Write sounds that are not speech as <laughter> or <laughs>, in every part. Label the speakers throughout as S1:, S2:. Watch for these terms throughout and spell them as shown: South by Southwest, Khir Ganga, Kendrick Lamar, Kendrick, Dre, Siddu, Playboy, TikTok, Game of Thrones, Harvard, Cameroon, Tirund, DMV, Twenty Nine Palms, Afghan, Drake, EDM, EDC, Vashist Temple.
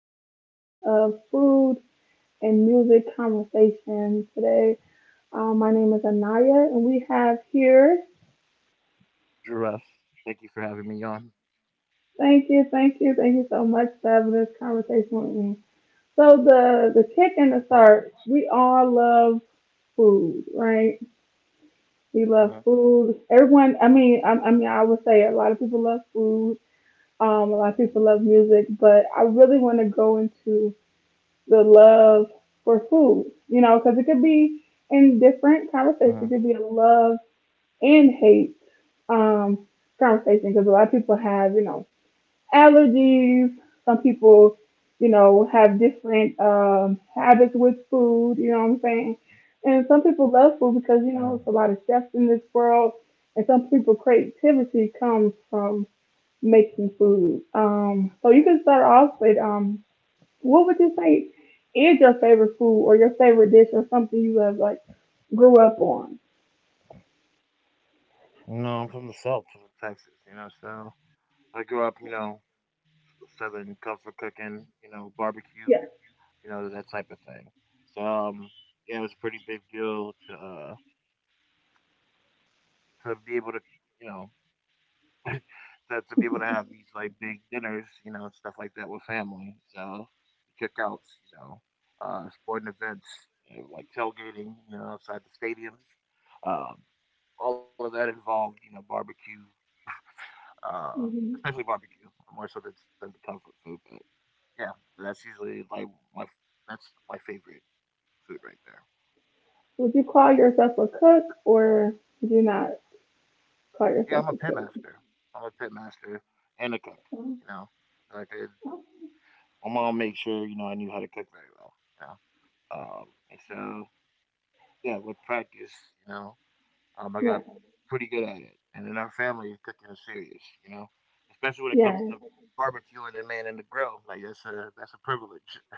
S1: podcast of food and music conversation today. My name is Anaya, and we have here.
S2: Giraffe. Thank you for having me on.
S1: Thank you, thank you, thank you so much for having this conversation with me. So the
S2: No
S1: the kick
S2: problem.
S1: and the start, we all love food, right?
S2: Uh
S1: We
S2: huh.
S1: love food. Everyone, I mean, I would say a lot of people love food. A lot of people love music, but I really want to go into the love for food, you know, because it could be
S2: Uh huh.
S1: in different conversations. It could be a love and hate um, conversation because a lot of people have, you know, allergies. Some people, you know, have different habits with food, you know what I'm saying? And some people
S2: Uh-huh.
S1: love food because, you know, it's a lot of chefs in this world. And some people creativity comes from making food. So you can start off with what would you say is your favorite food or your favorite dish or something you have like grew up on?
S2: No, I'm from the South, from Texas. You know, so I grew up. You know, Southern comfort cooking. You know, barbecue.
S1: Yeah.
S2: You know that type of thing. So yeah, it was a pretty big deal to be able to you know <laughs> to be able to have these like big dinners. You know, and stuff like that with family. So cookouts. You know, sporting events. You know, like tailgating, you know, outside the stadiums, um, all of that involved, you know, barbecue, uh,
S1: hmm
S2: especially barbecue, more so than some comfort food. But yeah, that's usually like my that's my favorite food right there.
S1: Would you call yourself a cook or would you not call yourself a
S2: Yeah, I'm a pit
S1: cook?
S2: master. I'm a pit master and a cook.
S1: Um,
S2: You know, so I
S1: oh,
S2: could. My mom made sure I knew how to cook very well. You know. And so yeah, with practice, you know, I
S1: Yeah,
S2: got pretty good at it, and in our family, cooking is serious. You know, especially when it
S1: yeah,
S2: comes to barbecue and the man in the grill. Like that's a privilege. <laughs> You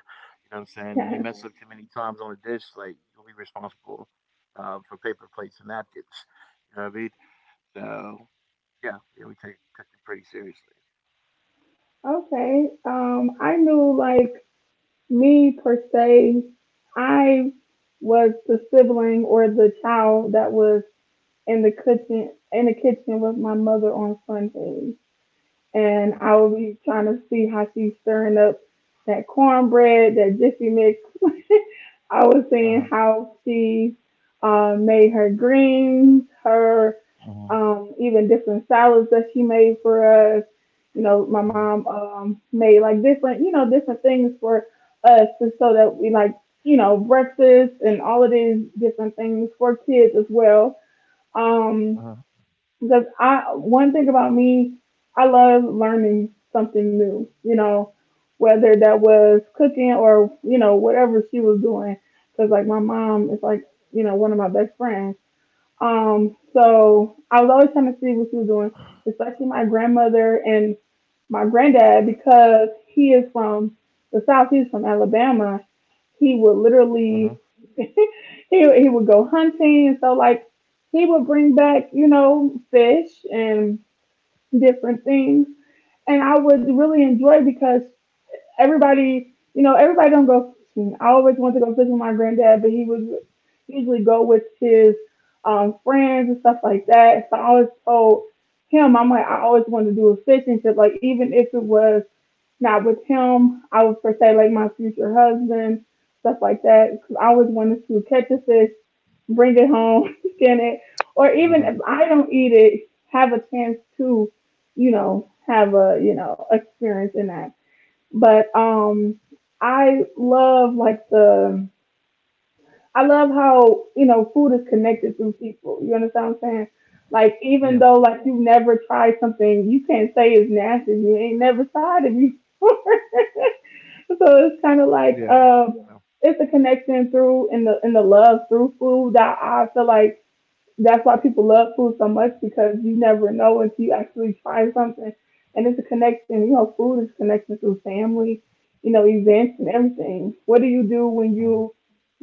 S2: know what I'm saying?
S1: yeah.
S2: You mess up too many times on a dish, like you'll be responsible for paper plates and napkins. You know what I mean? So yeah, yeah, we take cooking pretty seriously.
S1: Okay. I knew like me per se, I was the sibling or the child that was in the kitchen with my mother on Sundays.
S2: Uh
S1: And I will be trying to see how she's stirring up that cornbread, that jiffy mix. <laughs> I was
S2: huh.
S1: seeing how she made her greens, her
S2: Uh huh.
S1: even different salads that she made for us. You know, my
S2: Uh huh.
S1: mom made like different, you know, different things for us, just so that we like, you know, breakfast and all of these different things for kids as well. Um, because I one thing about me, I love learning something new. You know, whether that was cooking or you know whatever she was doing. Because like my mom is like you know one of my best friends. So I was always trying to see what she was doing, especially my grandmother and my granddad because he is from the South. He's from Alabama, he
S2: Uh
S1: would
S2: huh.
S1: literally <laughs> he he would go hunting and so like he would bring back you know fish and different things and I would really enjoy because everybody you know everybody don't go fishing. I always wanted to go fishing with my granddad, but he would usually go with his friends and stuff like that. So I always told him I'm like I always wanted to do a fishing trip, like even if it was not with him. I would for say like my future husband, stuff like that, because I always wanted to catch a fish, bring it home, <laughs> skin it,
S2: Uh huh.
S1: or even if I don't eat it, have a chance to, you know, have a experience in that. But I love like the I love how you know food is connected through people. You understand what I'm saying? Like
S2: Yeah.
S1: even though like you never tried something, you can't say it's nasty. If you ain't never tried it before. <laughs>
S2: Yeah.
S1: So it's kind
S2: Uh
S1: of like it's a connection through in the love through food that I feel like that's why people love food so much because you never know until you actually try something, and it's a connection. You know, food is connection through family, you know, events and everything. What do you do
S2: huh.
S1: when you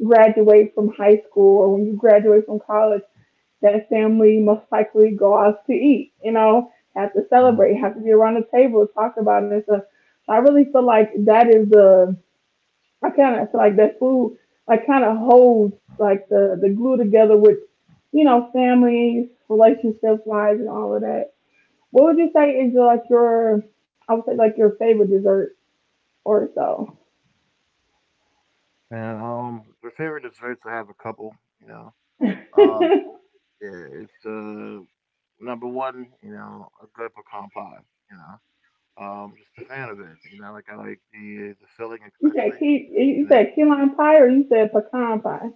S1: graduate from high school or when you graduate from college? That family most likely go out to eat. You know, have to
S2: Uh-huh.
S1: celebrate, have to be around the table, talk about it. So I really feel like that is the I kind of feel like that food, like kind of holds like the glue together with, you know, families, relationships, lives, and all of that. What would you say is like your, I would say like your favorite dessert or so?
S2: And my favorite desserts, I have a couple. You know.
S1: <laughs> You
S2: um, Yeah, it's number one, you know, a good pecan pie, you know. Just a fan of it, you know, like I like the filling especially,
S1: said key,
S2: you
S1: you
S2: know,
S1: said key lime pie or you said pecan pie?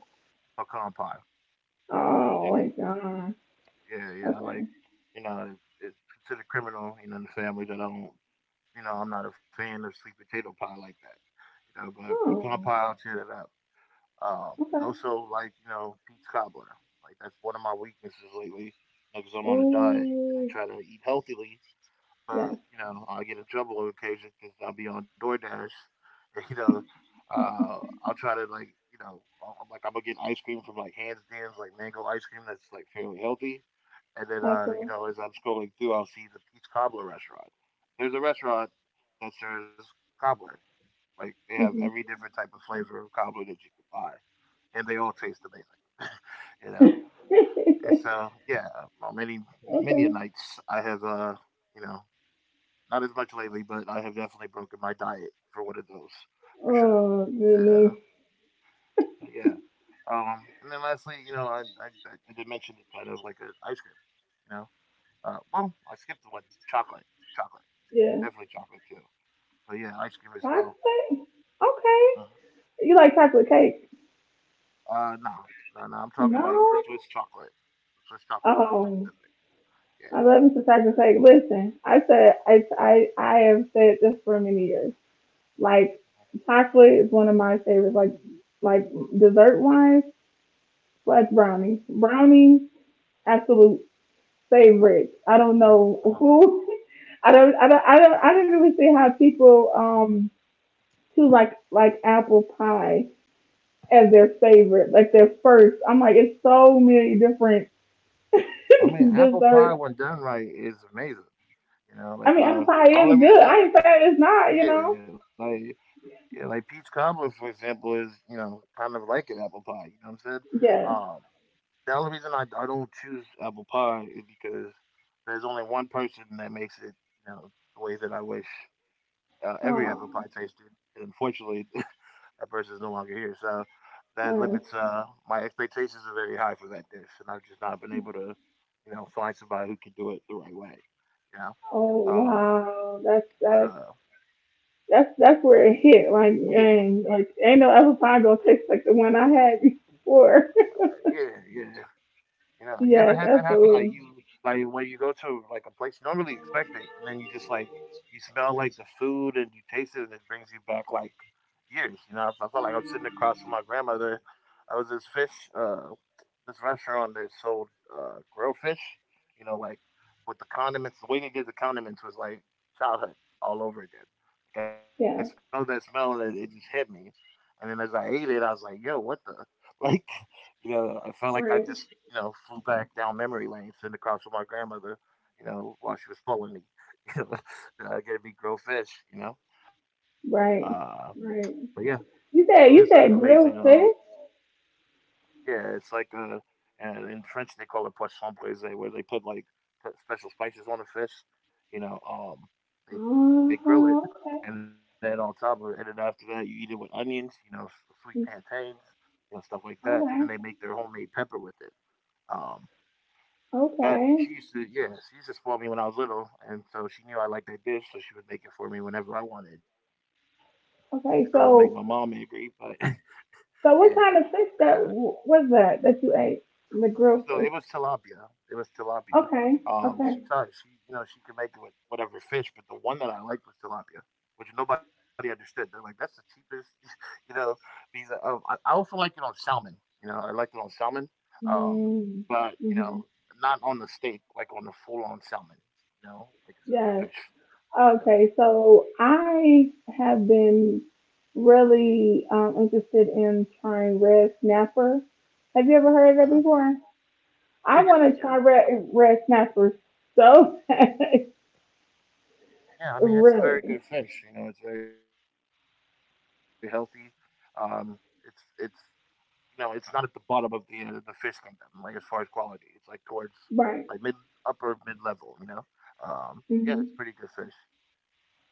S2: pecan pie.
S1: Oh
S2: Yeah.
S1: my god.
S2: Yeah, yeah. I like
S1: Okay.
S2: you know, It's considered criminal, you know, in the family that I don't, I'm not a fan of sweet potato pie like that. You know, but pecan
S1: Oh.
S2: pie I'll tear that up.
S1: Okay.
S2: Also like, you know, peach cobbler. Like that's one of my weaknesses lately, because I'm on a diet and I
S1: Oh.
S2: try to eat healthily
S1: Yeah.
S2: but I get in trouble on occasion because I'll be on DoorDash. <laughs> And, uh, I'll try to like, I'm like I'm gonna get ice cream from like Hands Dan's like mango ice cream that's like fairly healthy. And then,
S1: Apple.
S2: as I'm scrolling through, I'll see the Peach Cobbler restaurant. There's a restaurant that serves cobbler. Like they have every different
S1: Mhm.
S2: type of flavor of cobbler that you can buy, and they all taste amazing. <laughs> you know,
S1: <laughs> Okay.
S2: and so yeah, on many a nights I have you know, not as much lately, but I have definitely broken my diet for one of those, for sure.
S1: Oh goodness.
S2: Yeah, but yeah. And then lastly, you know, I did mention it kind of like a ice cream, you know. Well, I skipped the one chocolate, chocolate,
S1: Yeah.
S2: definitely chocolate too. But yeah, ice cream as well.
S1: Chocolate? Okay.
S2: Uh-huh.
S1: You like chocolate cake?
S2: No, no, no. I'm talking like
S1: No.
S2: Swiss chocolate to be
S1: Oh,
S2: specific.
S1: I
S2: Yeah.
S1: love me some chocolate cake. Listen, I said I have said this for many years. Like chocolate is one of my favorites. Like dessert wise, like
S2: Uh-huh,
S1: brownies. Brownies,
S2: uh-huh,
S1: absolute favorite. I don't know
S2: uh-huh. Uh-huh.
S1: who. <laughs> I don't really see how people do like apple pie as their favorite, like their first. I'm like, it's so many different
S2: I mean,
S1: <laughs>
S2: apple pie
S1: desserts.
S2: when done right is amazing. You know,
S1: I
S2: like
S1: mean, apple pie
S2: the
S1: is
S2: only
S1: good. I
S2: reason,
S1: ain't saying it's
S2: uh,
S1: not, you
S2: yeah,
S1: know.
S2: like yeah, like peach cobbler, for example, is kind of like an apple pie. You know what I'm saying? Um,
S1: Yeah.
S2: the only reason I don't choose apple pie is because there's only one person that makes it, you know, the way that I wish every apple
S1: Oh.
S2: pie tasted. And unfortunately, <laughs> that person is no longer here, so that
S1: uh,
S2: limits, my expectations are very high for that dish, and I've just not been able to, find somebody who can do it the right way. You know.
S1: oh
S2: um,
S1: wow, that's that's
S2: but uh,
S1: that's that's
S2: But
S1: where
S2: yeah,
S1: it hit. Like, and like, ain't no apple pie gonna taste like the one I had before.
S2: yeah, yeah. You know, you ever
S1: <laughs>
S2: had that
S1: Yes,
S2: happen? Like you,
S1: absolutely.
S2: like when you go to like a place you don't really expect it, and then you just like you smell like the food and you taste it, and it brings you back like years. You know, I felt like I'm sitting across from my grandmother. I was this fish. This restaurant that sold grilled fish, you know, like with the condiments. The way they did the condiments was like childhood all over again. Like, I smelled that
S1: Yeah.
S2: smell and it just hit me. And then as I ate it, I was like, yo, what the? <laughs> Like, I felt like I just,
S1: Right.
S2: flew back down memory lane, sitting across from my grandmother, while she was pulling me, <laughs> you getting me grilled fish. Uh,
S1: Right.
S2: but yeah,
S1: Right.
S2: food is an
S1: You
S2: amazing
S1: said grilled fish.
S2: yeah, it's like, and in French they call it poisson brisé, where they put special spices on the fish. You know. um, they
S1: Uh
S2: they
S1: huh.
S2: grill
S1: Okay.
S2: it, and then on top of it, and then after that you eat it with onions, you know, sweet plantains, you know, stuff like that,
S1: Okay.
S2: and then they make their homemade pepper with it. Um,
S1: Okay.
S2: but she used to spoil me when I was little, and so she knew I liked that dish, so she would make it for me whenever I wanted. Even though it would make
S1: Okay.
S2: my mom
S1: So
S2: angry, but <laughs>
S1: So
S2: yeah,
S1: what kind of fish
S2: uh,
S1: that was that that you ate? The grilled
S2: So
S1: fish.
S2: it was tilapia. It was tilapia.
S1: Okay. Okay.
S2: She thought she could make it with whatever fish, but the one that I liked was tilapia, which nobody understood. They're like, that's the cheapest. <laughs> you know. I also like it on salmon. You know, I liked it on salmon, um, but
S1: Mm-hmm.
S2: not on the steak, like on the full on salmon. You know, like
S1: Yes.
S2: I said, the fish.
S1: Okay.
S2: You know,
S1: So I have been really interested in trying red snapper. Have you ever heard of that
S2: uh
S1: before? I
S2: yeah,
S1: want to
S2: yeah,
S1: try
S2: yeah,
S1: red
S2: um,
S1: red snapper so bad. <laughs>
S2: yeah. I
S1: Really.
S2: mean, it's a very good fish. You know, it's very healthy. Um, it's it's it's not at the bottom of the fish kingdom, like as far as quality. It's like towards like
S1: Right.
S2: mid upper mid level. Um,
S1: hmm
S2: yeah, it's pretty good fish.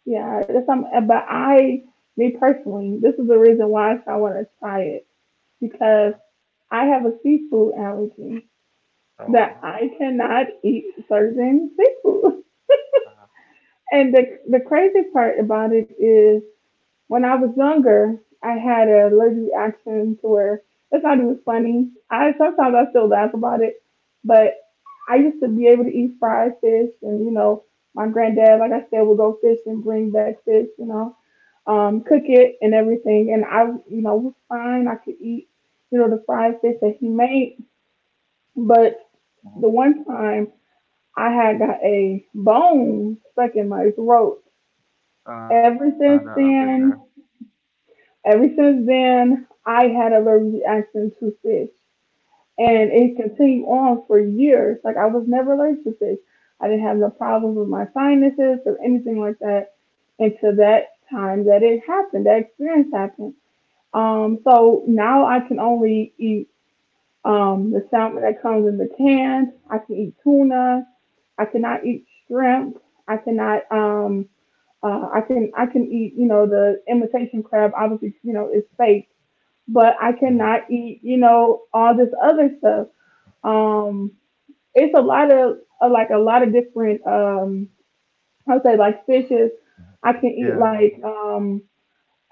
S1: Yeah. That's some. Me personally, this is the reason why I want to try it because
S2: Uh-huh.
S1: I have a seafood allergy that I
S2: Oh wow.
S1: cannot eat certain seafood.
S2: Uh-huh.
S1: And the crazy part about it is when I was younger, I had an allergic reaction to where it's not even funny. I sometimes I still laugh about it, but I used to be able to eat fried fish, and you know, my granddad, like I said, would go fish and bring back fish, you know, cook it and everything, and I, you know, was fine. I could eat, you know, the fried fish that he made, but the one
S2: Mhm.
S1: time I had got a bone stuck in my throat. Ever since
S2: No, I've been
S1: then,
S2: there.
S1: ever since then, I had a allergic reaction to fish, and it
S2: Mhm.
S1: continued on for years. Like I was never allergic to fish. I didn't have no problems with my sinuses or anything like that until that time that it happened. That experience happened. So now I can only eat the salmon that comes in the can. I can eat tuna. I cannot eat shrimp. I cannot. I can. I can eat. You know, the imitation crab. Obviously, you know, is fake. But I cannot
S2: Hmm.
S1: eat. You know, all this other stuff. Um, it's a lot of like a lot of different. I'll say like fishes. I can eat like
S2: Yeah.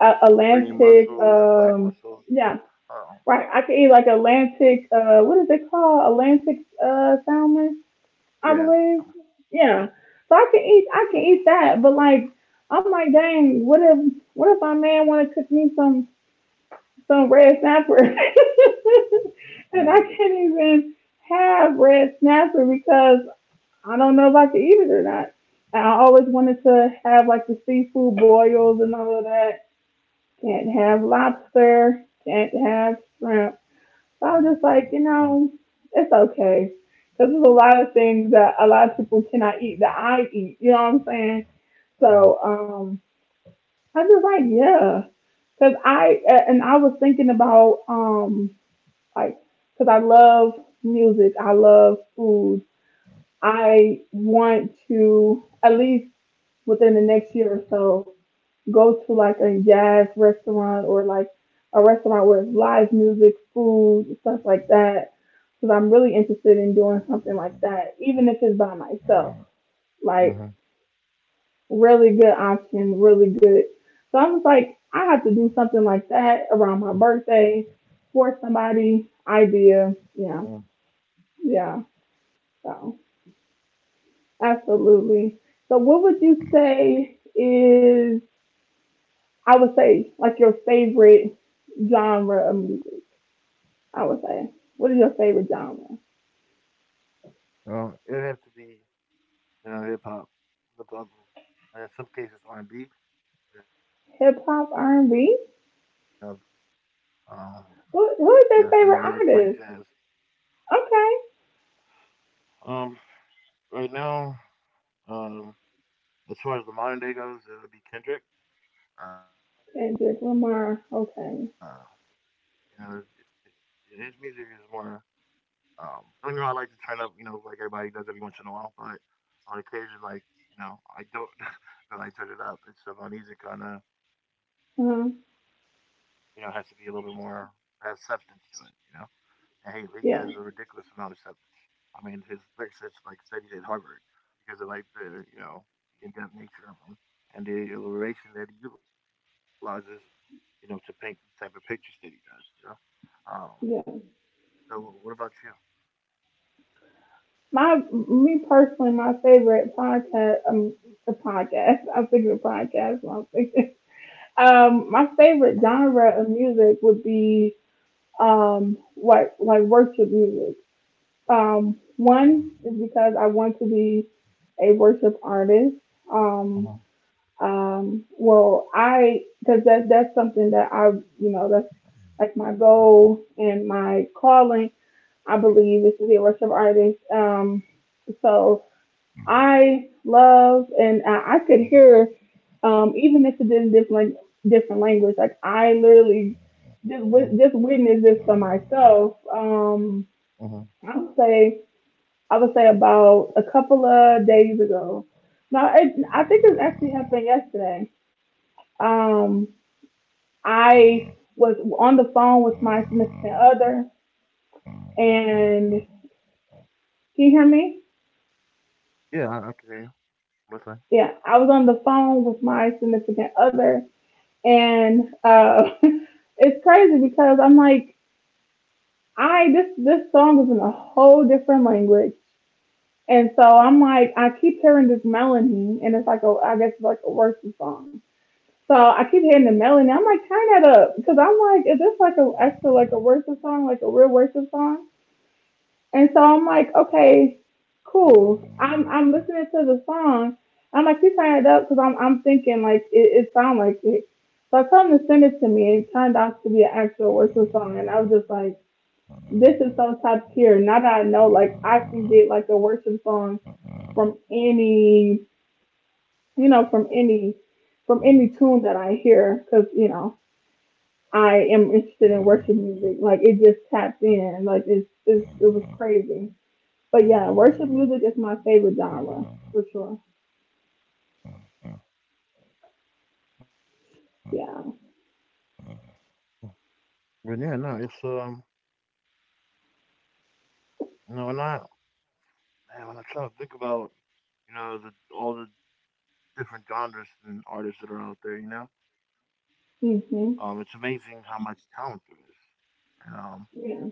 S1: a land
S2: mussels,
S1: pig.
S2: black mussels.
S1: Yeah,
S2: Oh
S1: right. I could eat like Atlantic, what is it called? Atlantic salmon, I believe.
S2: yeah.
S1: Yeah. So I can eat that. But like, I'm like, dang, what if my man want to cook me some red snapper, <laughs> and I
S2: Hmm.
S1: can't even have red snapper because I don't know if I can eat it or not. And I always wanted to have like the seafood boils and all of that. Can't have lobster. Can't have shrimp. So I was just like, you
S2: Hmm.
S1: know, it's okay. Because there's a lot of things that a lot of people cannot eat that I eat. You know what I'm saying? So
S2: Hmm.
S1: um, I was just like, yeah. Because I, and I was thinking about, like, because I love music, I love food. I want to, at least within the next year or so, go to like a jazz restaurant or like a restaurant where it's live music, food, stuff like that. Because I'm really interested in doing something like that, even if it's by myself. Like,
S2: Hmm.
S1: really good option, really good. So I was like, I have to do something like that around my birthday for somebody. Idea. Yeah.
S2: Hmm.
S1: Yeah. So, absolutely. So, what would you say is, I would say, like your favorite genre of music? I would say. What is your favorite genre?
S2: It'd have to be you know hip hop, hip hop, and in some cases R&B. Yeah.
S1: Hip hop, R&B.
S2: Um, yeah, and I like playing
S1: Who is
S2: jazz.
S1: your favorite artist? Okay,
S2: Um, right now, um, as far as the modern day goes, it would be Kendrick. Uh,
S1: Kendrick Lamar.
S2: you know,
S1: Okay.
S2: his music is more. Don't get me wrong, I like to turn up, you know, like everybody does every once in a while. But on occasion, like I don't <laughs> really turn it up, and so my music kind of, has
S1: Uh-huh.
S2: to be a little bit more, has substance to it. You know. Hey, he has a ridiculous amount
S1: Yeah,
S2: of substance. I mean, his lyrics is like studied at Harvard because of like the you know the in-depth nature of them and the elaboration that he utilizes, you know, to paint these type of pictures that he does. You know. Um.
S1: yeah.
S2: So, what about you?
S1: My me personally, my favorite podcast. The podcast. <laughs> I'm thinking of podcast. I'm thinking. My
S2: Uh-huh.
S1: favorite genre of music would be like worship music. One is because I want to be a worship artist. Um, well, I, cause that's something that I, you know, that's like my goal and my calling. I believe is to be a worship artist. So I love, and I could hear, even if it is different, different language, like I literally just witnessed this for myself. I would say, I would say about a couple of days ago. No, I think it actually happened yesterday. um, I was on the phone with my significant other, and can you hear me?
S2: Yeah, I can hear you. What's
S1: Yeah, I was on the phone with my significant other, and <laughs> it's crazy because I'm like, I this this song is in a whole different language, and so I'm like, I keep hearing this melody, and it's like a, I guess it's like a worship song. So I keep hearing the melody. I'm like, turn that up, because I'm like, is this like a actually like a worship song, like a real worship song? And so I'm like, okay, cool. I'm
S2: that?
S1: listening to the song. I'm like, you turn it up because I'm thinking like it sounds like it. So I told him to send it to me. It turned out to be an actual worship song, and I was just like, this is so top tier. Now that I know, like, I can get like a worship song from any, from any, from any tune that I hear, because you know I am interested in worship music. Like it just taps in. Like it was crazy. But yeah, worship music is my favorite genre for sure. Yeah.
S2: But yeah, no, it's no, and I man, when I try to think about, you know, the all the different genres and artists that are out there, you know, it's
S1: hmm
S2: amazing how much talent there is. And um,
S1: Yeah.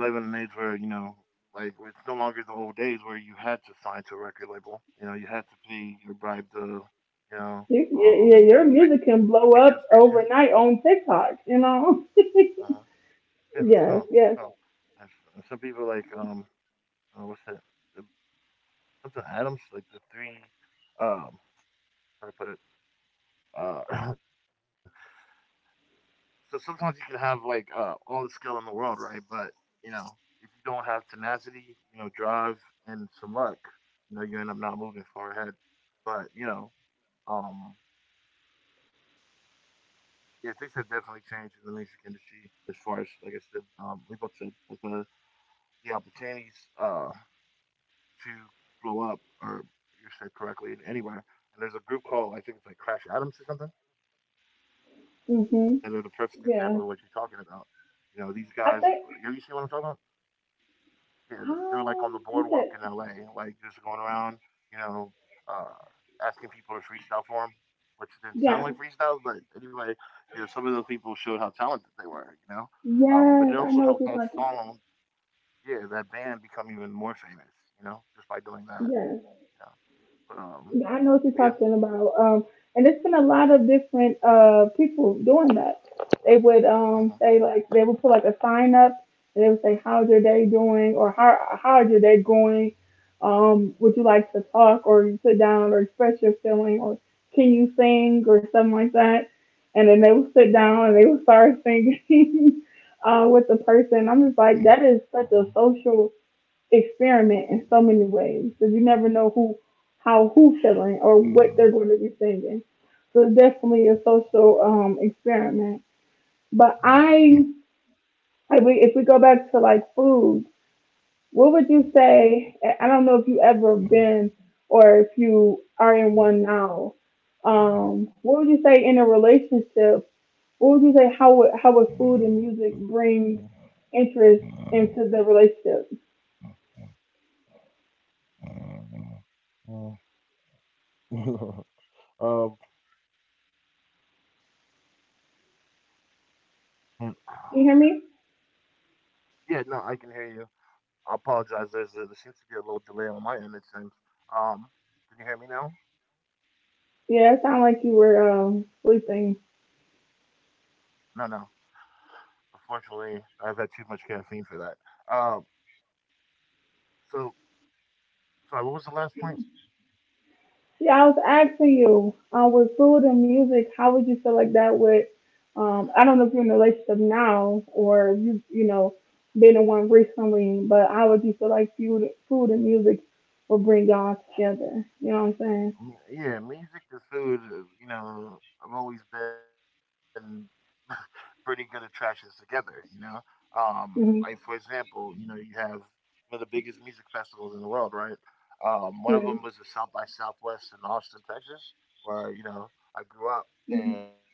S2: We live in an age where like it's no longer the old days where you had to sign to a record label. You know, you had to pay your bribe to, you know,
S1: Yeah, Your music can
S2: the
S1: blow
S2: radio
S1: up
S2: station.
S1: overnight on TikTok. You know. <laughs>
S2: Uh-huh. Yeah, for
S1: Yes.
S2: sure,
S1: Yes.
S2: for sure. And some people like what's that? The, something Adams, like the three, um, how do I put it? Uh, <clears throat> so sometimes you can have like all the skill in the world, right? But you know, if you don't have tenacity, drive and some luck, you end up not moving far ahead. But you know, um, yeah, things have definitely changed in the music industry as far as like I said, we both said like the opportunities uh to blow up, or you said correctly, anywhere. And there's a group called, I think it's like Crash Atoms or something, that are the perfect
S1: hmm
S2: example of what you're talking about.
S1: Yeah.
S2: You know, these guys, you
S1: I
S2: see what I'm
S1: think.
S2: talking about? Yeah, they were like on the boardwalk in
S1: You
S2: LA,
S1: said.
S2: like just going around, you know, uh, asking people to freestyle for them, which didn't sound
S1: Yeah.
S2: like freestyles, but anyway, some of those people showed how talented they were, you know. But
S1: Yes.
S2: it
S1: I know
S2: also
S1: what you're
S2: helped that
S1: talking about.
S2: song, yeah, that band become even more famous, you know, just by doing that.
S1: Yes.
S2: You know?
S1: Yeah, I know
S2: Um,
S1: what you're talking
S2: but yeah.
S1: about. And there's been a lot of different people doing that. They would
S2: Uh-huh.
S1: say like they would put like a sign up and they would say how's your day doing or how's your day going? Would you like to talk or you sit down or express your feeling or can you sing or something like that? And then they would sit down and they would start singing <laughs> with the person. I'm just like that is such a
S2: Um,
S1: social experiment in so many ways because you never know who, how who's feeling or what they're going to be singing. So it's definitely a social experiment. But if we go back to like food, what would you say? I don't know if you ever been or if you are in one now. What would you say in a relationship? What would you say? How would food and music
S2: <laughs>
S1: bring interest into the relationship? Can
S2: um,
S1: you hear me?
S2: yeah, no, I can hear you. I apologize. There seems to be a little delay on my end. It seems. Um, can you hear me now?
S1: Yeah, it sounded like you were sleeping.
S2: No, no. Unfortunately, I've had too much caffeine for that. So Sorry. What was the last point?
S1: Yeah, I was asking you, with food and music, how would you feel like that with? Um, I don't know if you're in a relationship now or if you, you know, been in one recently, but how would you feel like food and music will bring y'all together? You know what I'm saying?
S2: Yeah, music and food. You know, I've always been pretty good attractions together, you know. Like for
S1: hmm
S2: example, you know, you have one of the biggest music festivals in the world, right? One of them was the
S1: Yeah.
S2: South by Southwest in Austin, Texas, where you know I grew up,
S1: hmm
S2: and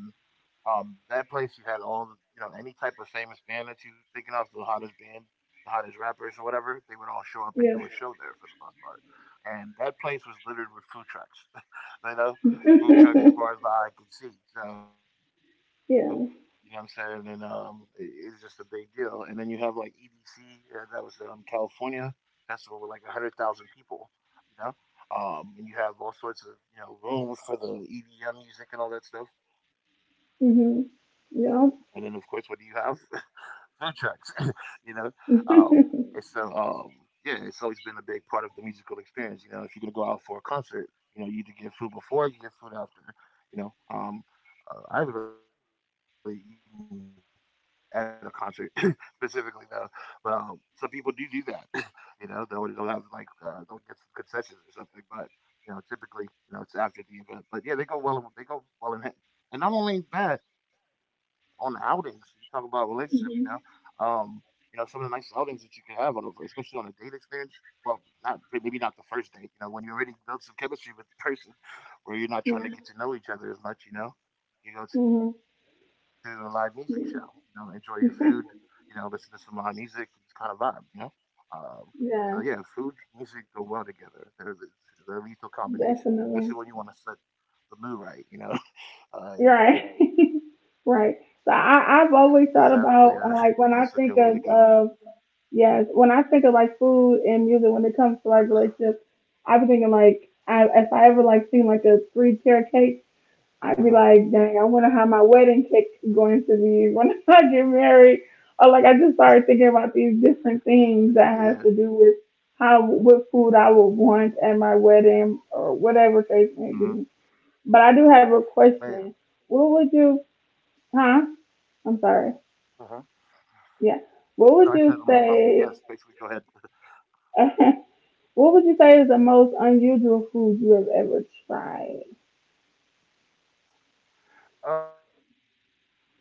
S2: that place you had all you know any type of famous band that you thinking of the hottest band, the hottest rappers or whatever, they would all show up and do a
S1: Yeah.
S2: show there for the most part. And that place was littered with food trucks, <laughs> you know, food
S1: <laughs>
S2: trucks as far as the eye could see. So you know what I'm
S1: Yeah.
S2: saying, and it's just a big deal. And then you have like EDC, that was California festival with like 100,000 people, you know. And you have all sorts of you know rooms for the EDM music and all that stuff. And then, of course, what do you have?
S1: hmm
S2: <laughs>
S1: Yeah.
S2: Food trucks, <laughs> you know? Um, and so, um, yeah,
S1: <laughs>
S2: it's always been a big part of the musical experience. You know, if you're going to go out for a concert, you know, you either get food before or you get food after, you know? Um, I haven't really eaten at a concert <laughs> specifically, though, but some people do do that, <laughs> you know? They'll have, like, they'll get some concessions or something, but, you know, typically, you know, it's after the event. But yeah, they go well, they go well in hand, and not only that, on outings, you talk about relationship,
S1: hmm
S2: you know, some of the nice outings that you can have especially on a date experience. Well, not maybe not the first date, you know, when you already built some chemistry with the person, where
S1: Yeah.
S2: you're not trying to get to know each other as much, you know.
S1: hmm
S2: You go to a live music show, you know,
S1: Yeah.
S2: enjoy your food, you
S1: <laughs>
S2: know, listen to some live music, just kind of vibe, you know. Um,
S1: Yeah,
S2: yeah, food, music go well together. They're a lethal
S1: definitely.
S2: combination, especially when you want to set the mood right,
S1: You're
S2: you know.
S1: right. <laughs>
S2: Uh,
S1: Right. So
S2: it's definitely a
S1: I've
S2: you
S1: always
S2: know
S1: thought
S2: it's a good way
S1: about
S2: to go.
S1: like when I think of yes, when I think of like food and music when it comes to like relationships, I be thinking like if I ever like seen like a three tier cake, I'd be like, dang, I wonder how my wedding
S2: Uh-huh.
S1: cake going to be when <laughs> I get married. Or like I just started thinking about these different
S2: Yeah.
S1: things that has to do with how what food I would want at my wedding or whatever case may be. But I do have a
S2: Hmm.
S1: question. What would you?
S2: Man.
S1: Huh? I'm
S2: Uh huh.
S1: sorry. Yeah.
S2: No, I
S1: What
S2: said
S1: would you
S2: yes.
S1: say?
S2: Basically, go ahead.
S1: <laughs> What would you say is the most unusual food you have ever tried?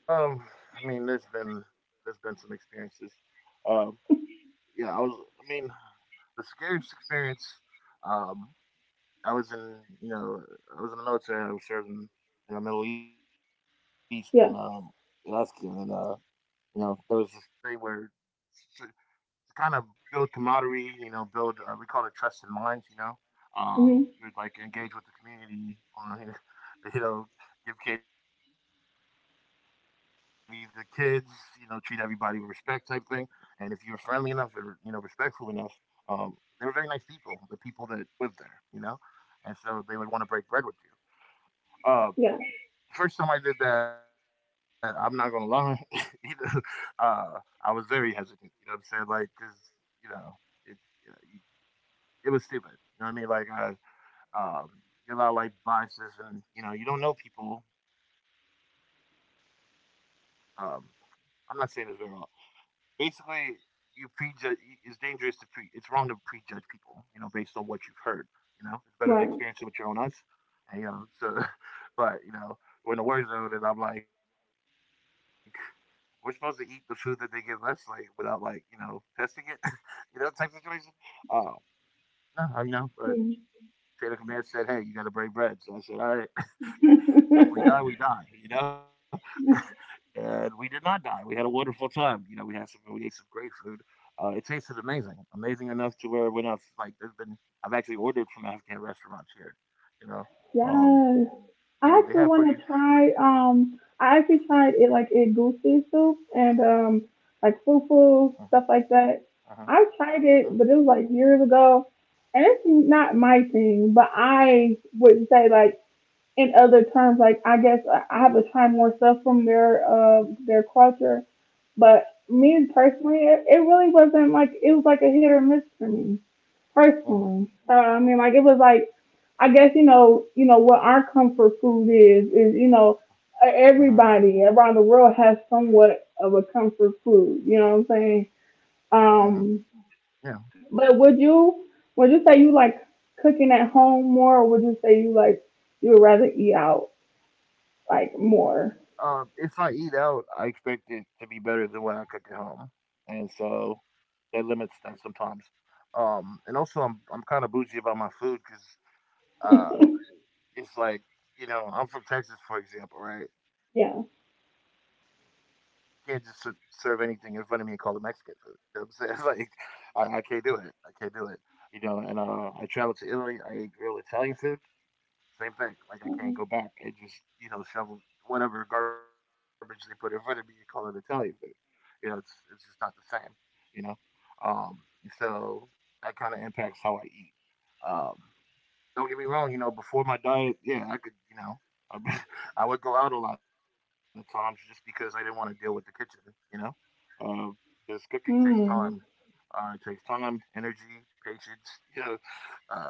S2: Um, I mean, there's been some experiences. Um, yeah, I was. I mean, the scariest experience. Um, I was in you know I was in the military. I was serving
S1: Yeah.
S2: in the Middle East in Afghan, and you know there was this thing where kind of build camaraderie, you know, build, we call it trust in minds, you know. You would like engage with the community <laughs> on, you know, <laughs> you know, give candy to the kids, you know, treat everybody with respect type thing. And if you were friendly enough and, you know, respectful enough, um, they were very nice people, the people that lived there, you know. And so they would want to break bread with you. Uh, First time I did that, I'm not gonna lie, <laughs> you know, uh, I was very hesitant. You know what I'm saying? Like, cause you know, it's you know, you, it was stupid. You know what I mean? Like, I um, you of like biases, and you know, you don't know people. Um, I'm not saying it's very wrong. Basically, It's dangerous to pre. It's wrong to prejudge people. You know, based on what you've heard. You know, it's better to experience it with your own eyes. And you know, so <laughs> but you know, we're in the war zone, and I'm like we're supposed to eat the food that they give us, like without like you know testing it, <laughs> you know type situation. Um, no, I mean, you know, but Taylor Command said, "Hey, you got to break bread." So I said, "All right, <laughs> if we die, we die," you know. And we did not die. We had a wonderful time. You know, we ate some great food. It tasted amazing, amazing enough to where when I've like there's been I've actually ordered from Afghan restaurants here, you know. Um, yeah, they have pretty. Uh huh. Uh huh. Uh huh. Uh huh. Uh huh. Uh huh. Yeah. If I eat out, I expect it to be better than what I cook at home, and so that limits that sometimes. And also, I'm kind of bougie about my food because uh, it's like you know I'm from Texas, for example, right? You can't just serve anything in front of me and call it Mexican food. You know what I'm saying? <laughs> Like I can't do it. I can't do it. You know, and I traveled to Italy. I ate real Italian food, same thing. Like I can't go back and just you know shovel whatever garbage they put in front of me and call it Italian food. You know, it's just not the same. You know, um, and so That kind of impacts how I eat. Um, don't get me wrong. You know, before my diet, yeah, I could you know. I <laughs> I would go out a lot of times just because I didn't want to deal with the kitchen, you know, um, because cooking takes time. It takes time, energy, patience, <laughs> you know, uh,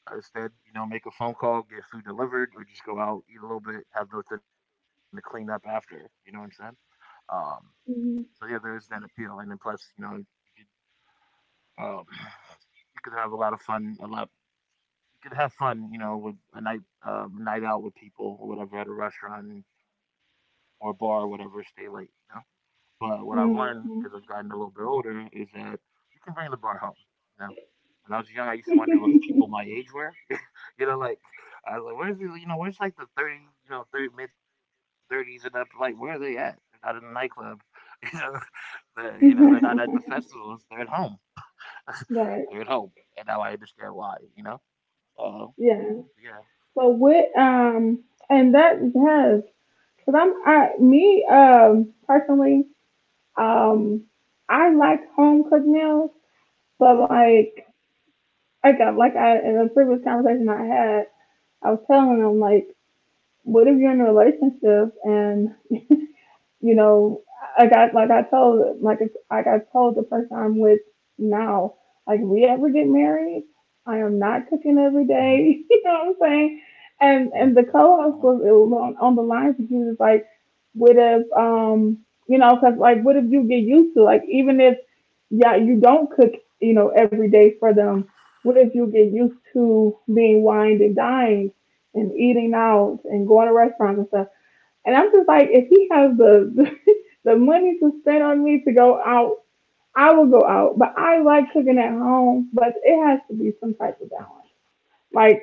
S2: Instead, you know, make a phone call, get food delivered, or just go out, eat a little bit, have nothing to clean up after. You know what I'm saying? Um, yeah, there is that appeal, and then plus, you know, could, you could have a lot of fun, a lot. You could have fun, you know, with a night, night out with people or whatever at a restaurant or bar or whatever. Stay late, you know. But what I've learned as I've gotten a little bit older is that you can bring the bar home. You know, when I was young, I used to wonder what people my age were. You know, like I was like, where's the you know, where's like the 30 mid thirties and up, like where are they at? They're not in the nightclub. <laughs> You know, you know, they're not at the festivals. They're at home. <laughs> They're at home, and now I understand why. You know, so yeah, uh huh, uh huh, uh huh, uh-huh.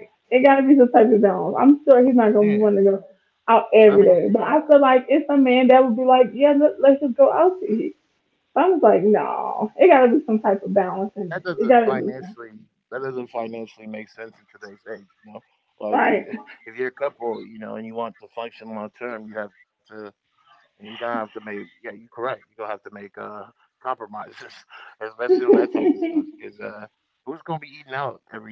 S2: Yeah. Yeah, that doesn't financially that doesn't financially make sense in today's age. You know, like you, <laughs> if you're a couple, you know, and you want to function long term, you have to, and you're gonna have to make, yeah, you correct. You're gonna have to make compromises, <laughs> especially on that type of stuff. Because who's gonna be eating out every day?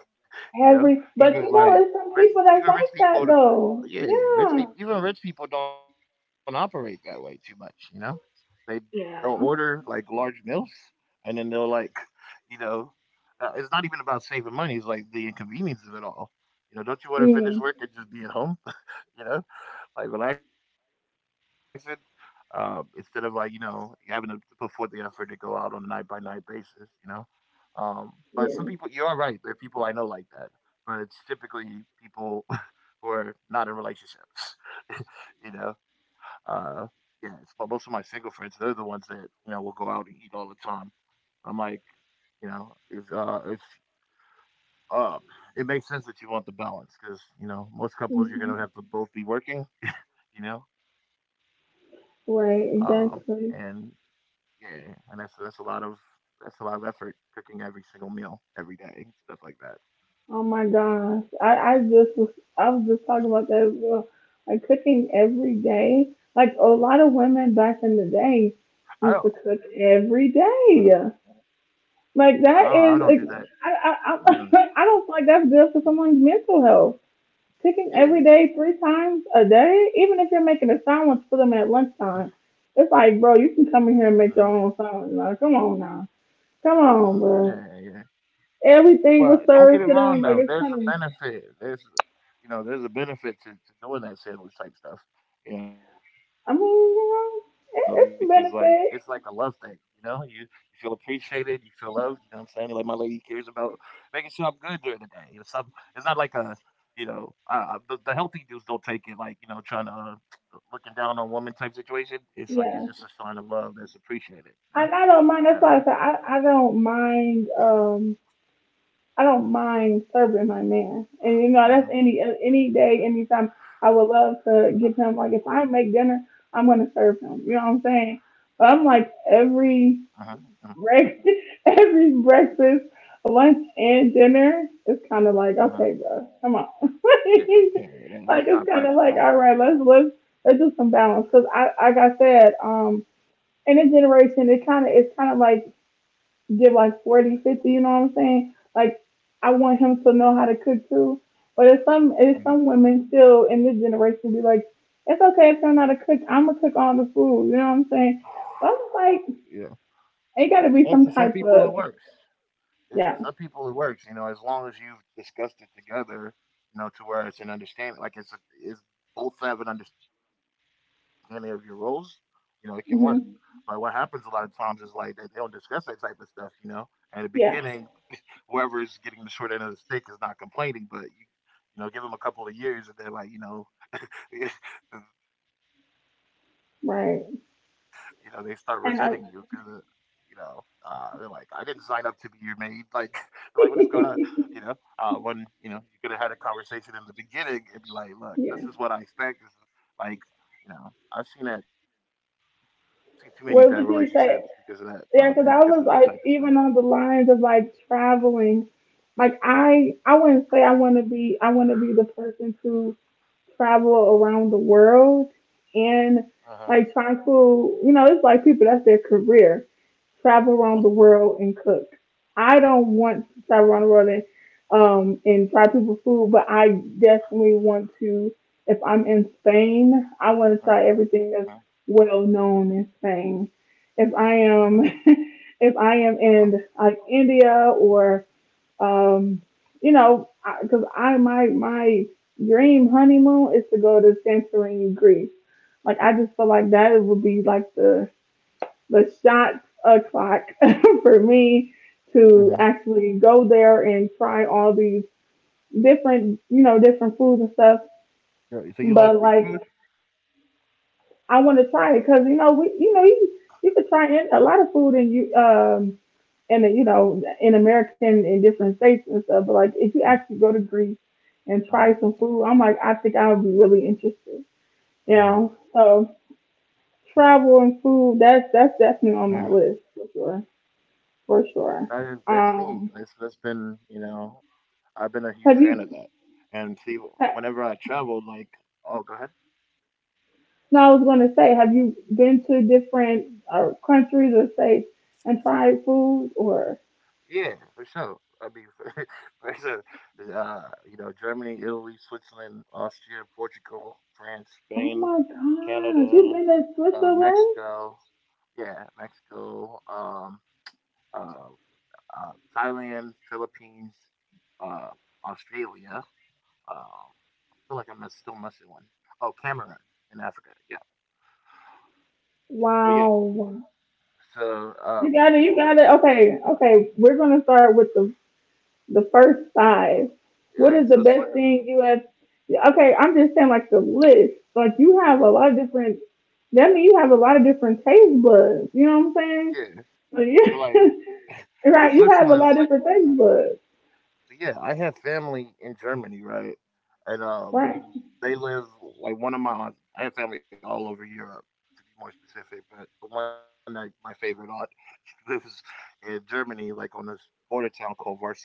S2: <laughs> You know, even like even rich people. Yeah, rich people. Even rich people don't operate that way too much. You know, they they'll order like large meals, and then they'll like, <laughs> you know, it's not even about saving money. It's like the inconvenience of it all. You know, don't you want to finish work and just be at home? <laughs> You know, like relaxing. Instead of like you know having to put forth the effort to go out on a night by night basis, you know. Um, but some people, you are right. There are people I know like that, but it's typically people <laughs> who are not in relationships, <laughs> you know. Uh, yeah, it's, but most of my single friends, they're the ones that you know will go out and eat all the time. I'm like, you know, if uh, it makes sense that you want the balance because you know most couples you're gonna have to both be working, you know, um, and yeah, and that's a lot of effort cooking every single meal every day, stuff like that. I don't. uh I don't do that either. Mhm. Yeah. Mhm. Mm. Yeah, yeah. But don't get it wrong though. There's a benefit. There's, there's a benefit to doing that sandwich type stuff. You know, because like it's like a love thing, you know? You feel appreciated, you feel loved, you know what I'm saying? You're like, my lady cares about making sure I'm good during the day. You know, some it's not like a, you know, the healthy dudes don't take it like, you know, trying to, looking down on women type situation. It's like it's just a sign of love that's appreciated, you know? So, uh-huh, uh-huh, uh-huh, uh-huh. Yeah, yeah, yeah, yeah that's not practical. hmm Yeah. And for some people, it works. It, some people, it works. You know, as long as you've discussed it together, you know, to where it's an understanding, like it's a, it's both have an understanding of your roles. You know, it can work. But what happens a lot of times is like they don't discuss that type of stuff. You know, at the beginning, whoever is getting the short end of the stick is not complaining, but give them a couple of years, and they're like, you know, <laughs> you know, they start resenting you because, you know, they're like, I didn't sign up to be your maid. Like, <laughs> like what is going on? You know, when you know you could have had a conversation in the beginning and be like, look, this is what I expect. This is like, you know, I've seen that. I've seen too many bad relationships because of that, and because of that type of stuff. Uh huh. Uh huh. Uh huh. Uh huh. Uh-huh. Yo, so you like Greek food? Uh huh. Uh huh. Yeah. That's me. That's been, I've been a huge fan of that. And see, whenever I traveled, like, oh, go ahead. Yeah, for sure. I mean, <laughs> for sure. Uh, you know, Germany, Italy, Switzerland, Austria, Portugal, France, Spain, Canada, Mexico. Yeah, Mexico. Uh, uh, Thailand, Philippines, uh, Australia. I feel like I'm still missing one. Oh, Cameroon in Africa. Yeah, but yeah. So, Alright, so Swi uh-huh, yeah. So, like, the Switzerland yeah, I have family in Germany, right? And, they live like, one of my aunts I have family all over Europe, to be more specific, but the one that my favorite aunt <laughs> lives in Germany, like, on this border town called varsovie,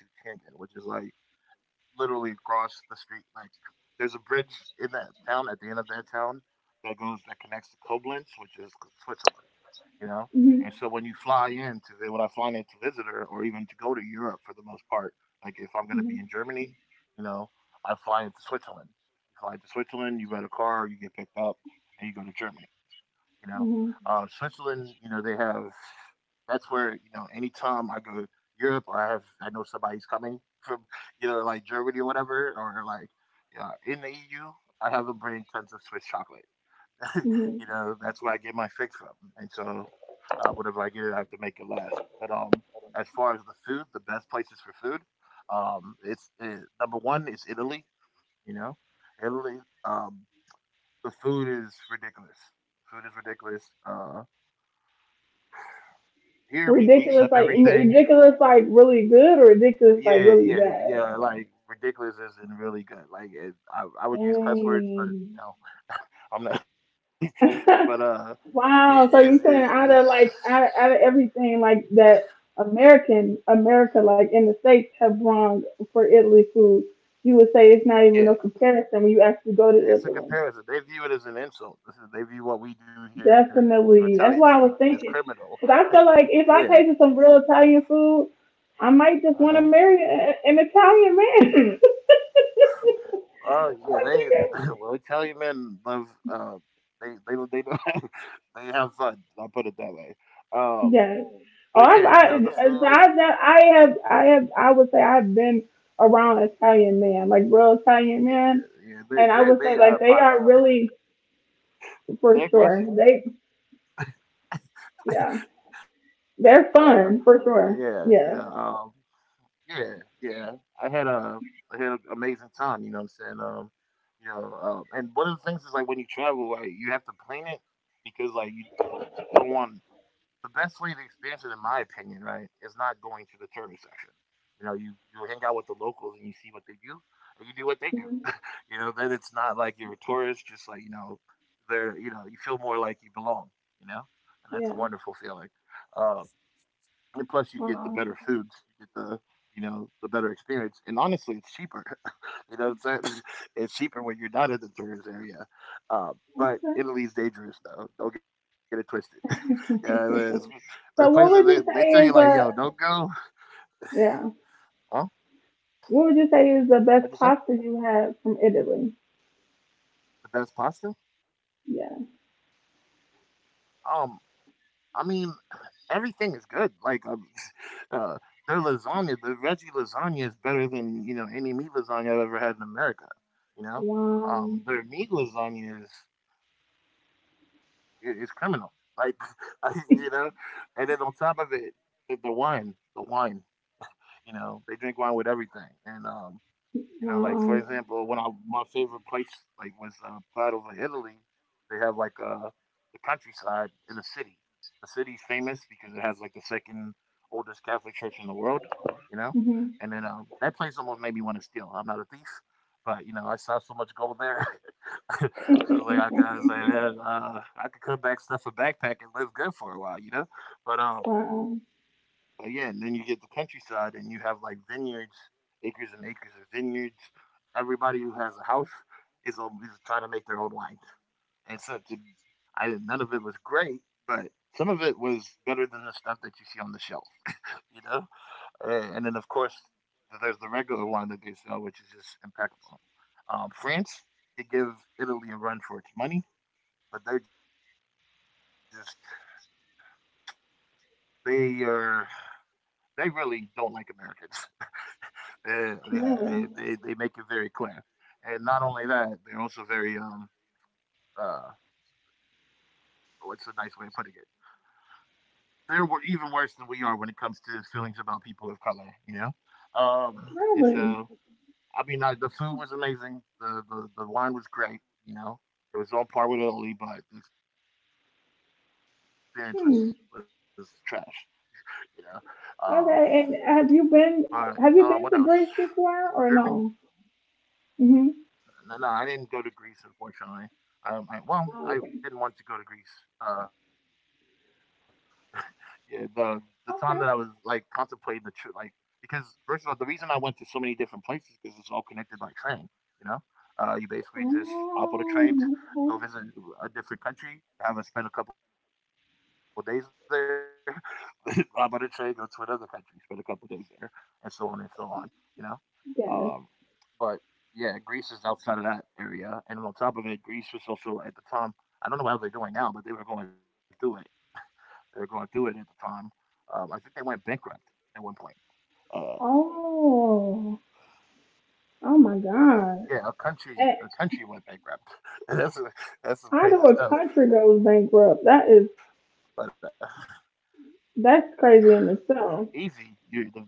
S2: which is, like, literally across the street, like, there's a bridge in that town, at the end of that town, that goes that connects to Koblenz, which is Switzerland. You know. And so when I fly in to visit her, or even to go to Europe for the most part, like if I'm going to be in Germany, you know, I fly into Switzerland. You fly into Switzerland, you rent a car, you get picked up, and you go to Germany. You know, Switzerland, you know, they have that's where, you know, anytime I go to Europe or I know somebody's coming from, you know, like Germany or whatever, or like, yeah, in the EU, I have them bring tons of Swiss chocolate. You know, that's where I get my fix from. And so, whatever I get, I have to make it last. But as far as the food, the best places for food, number one is Italy. You know, Italy. Um, the food is ridiculous. Food is ridiculous. Here we grease up everything. Yeah, yeah, yeah. Like ridiculous isn't really good. Like it, I would use cuss words, but you know, I'm not. <laughs> But it is. Yeah, it's a comparison. They view it as an insult. They view what we do here to Italian food as criminal. Yeah. Uh huh. Oh, yeah. They <laughs> well, Italian men love. They don't- have, <laughs> they have fun. I'll put it that way. Um, but yeah, you know, the food. Yeah, yeah. They out of pocket. <laughs> They're aggressive. Uh, yeah. You know. Yeah, yeah. I had a I had an amazing time. You know what I'm saying? Yeah, and one of the things is like when you travel, right, you have to plan it, because like you don't want the best way to experience it, in my opinion, right, is not going to the tourist section. You know, you hang out with the locals and you see what they do, and you do what they do. <laughs> You know, then it's not like you're a tourist, just like you know, they're you know, you feel more like you belong. You know, and that's a wonderful feeling. Um, and plus, you get the better foods, you get the you know the better experience, and honestly, it's cheaper. <laughs> You know what I'm saying? <laughs> It's cheaper when you're not in the tourist area. Uh, but Italy's dangerous, though. Don't get it twisted. <laughs> Yeah, there's places they tell you like, yo, don't go. Huh? What'd you say? The best pasta? Um, I mean, everything is good. Like, <laughs> uh, their lasagna, the veggie lasagna is better than, you know, any meat lasagna I've ever had in America. You know, their meat lasagna is, it's criminal. <laughs> Like, I, you know, and then on top of it, wine, the wine, you know, they drink wine with everything. And, you know, like, for example, my favorite place, like, was, part of Italy, they have, like, the countryside in the city. The city's famous because it has, like, the second oldest Catholic church in the world, you know? And then, that place almost made me want to steal. I'm not a thief, but, you know, I saw so much gold there. <laughs> <laughs> I was like, I gotta say that, I could come back, stuff a backpack, and live good for a while, you know. But um, but yeah, and then you get the countryside, and you have like vineyards, acres and acres of vineyards. Everybody who has a house is trying to make their own wine, and so I none of it was great, but some of it was better than the stuff that you see on the shelf, you know. And then of course there's the regular wine that they sell, which is just impeccable. France, they give Italy a run for its money, but they just they are they really don't like Americans. <laughs> Yeah, they make it very clear. And not only that, they're also very, uh what's a nice way of putting it? They're even worse than we are when it comes to feelings about people of color. You know, um, and so, I mean, I, the food was amazing. The wine was great. You know, it was on par with Italy, but the experience was trash. You know, um, but what else? Germany No, no, I didn't go to Greece, unfortunately. I, well, I didn't want to go to Greece. <laughs> Yeah, the time that I was like contemplating the trip, like, because first of all, the reason I went to so many different places, because it's all connected by train. You know, you basically just hop on a train, go visit a different country, have a spend a couple of days there, <laughs> hop on a train, go to another country, spend a couple of days there, and so on and so on. You know, um, but yeah, Greece is outside of that area, and then on top of it, Greece was also at the time. I don't know how they're doing now, but they were going through it. They were going through it at the time. I think they went bankrupt at one point. Uh, yeah, a country went bankrupt. <laughs> That's a, that's some crazy stuff. But easy, you the World Banks.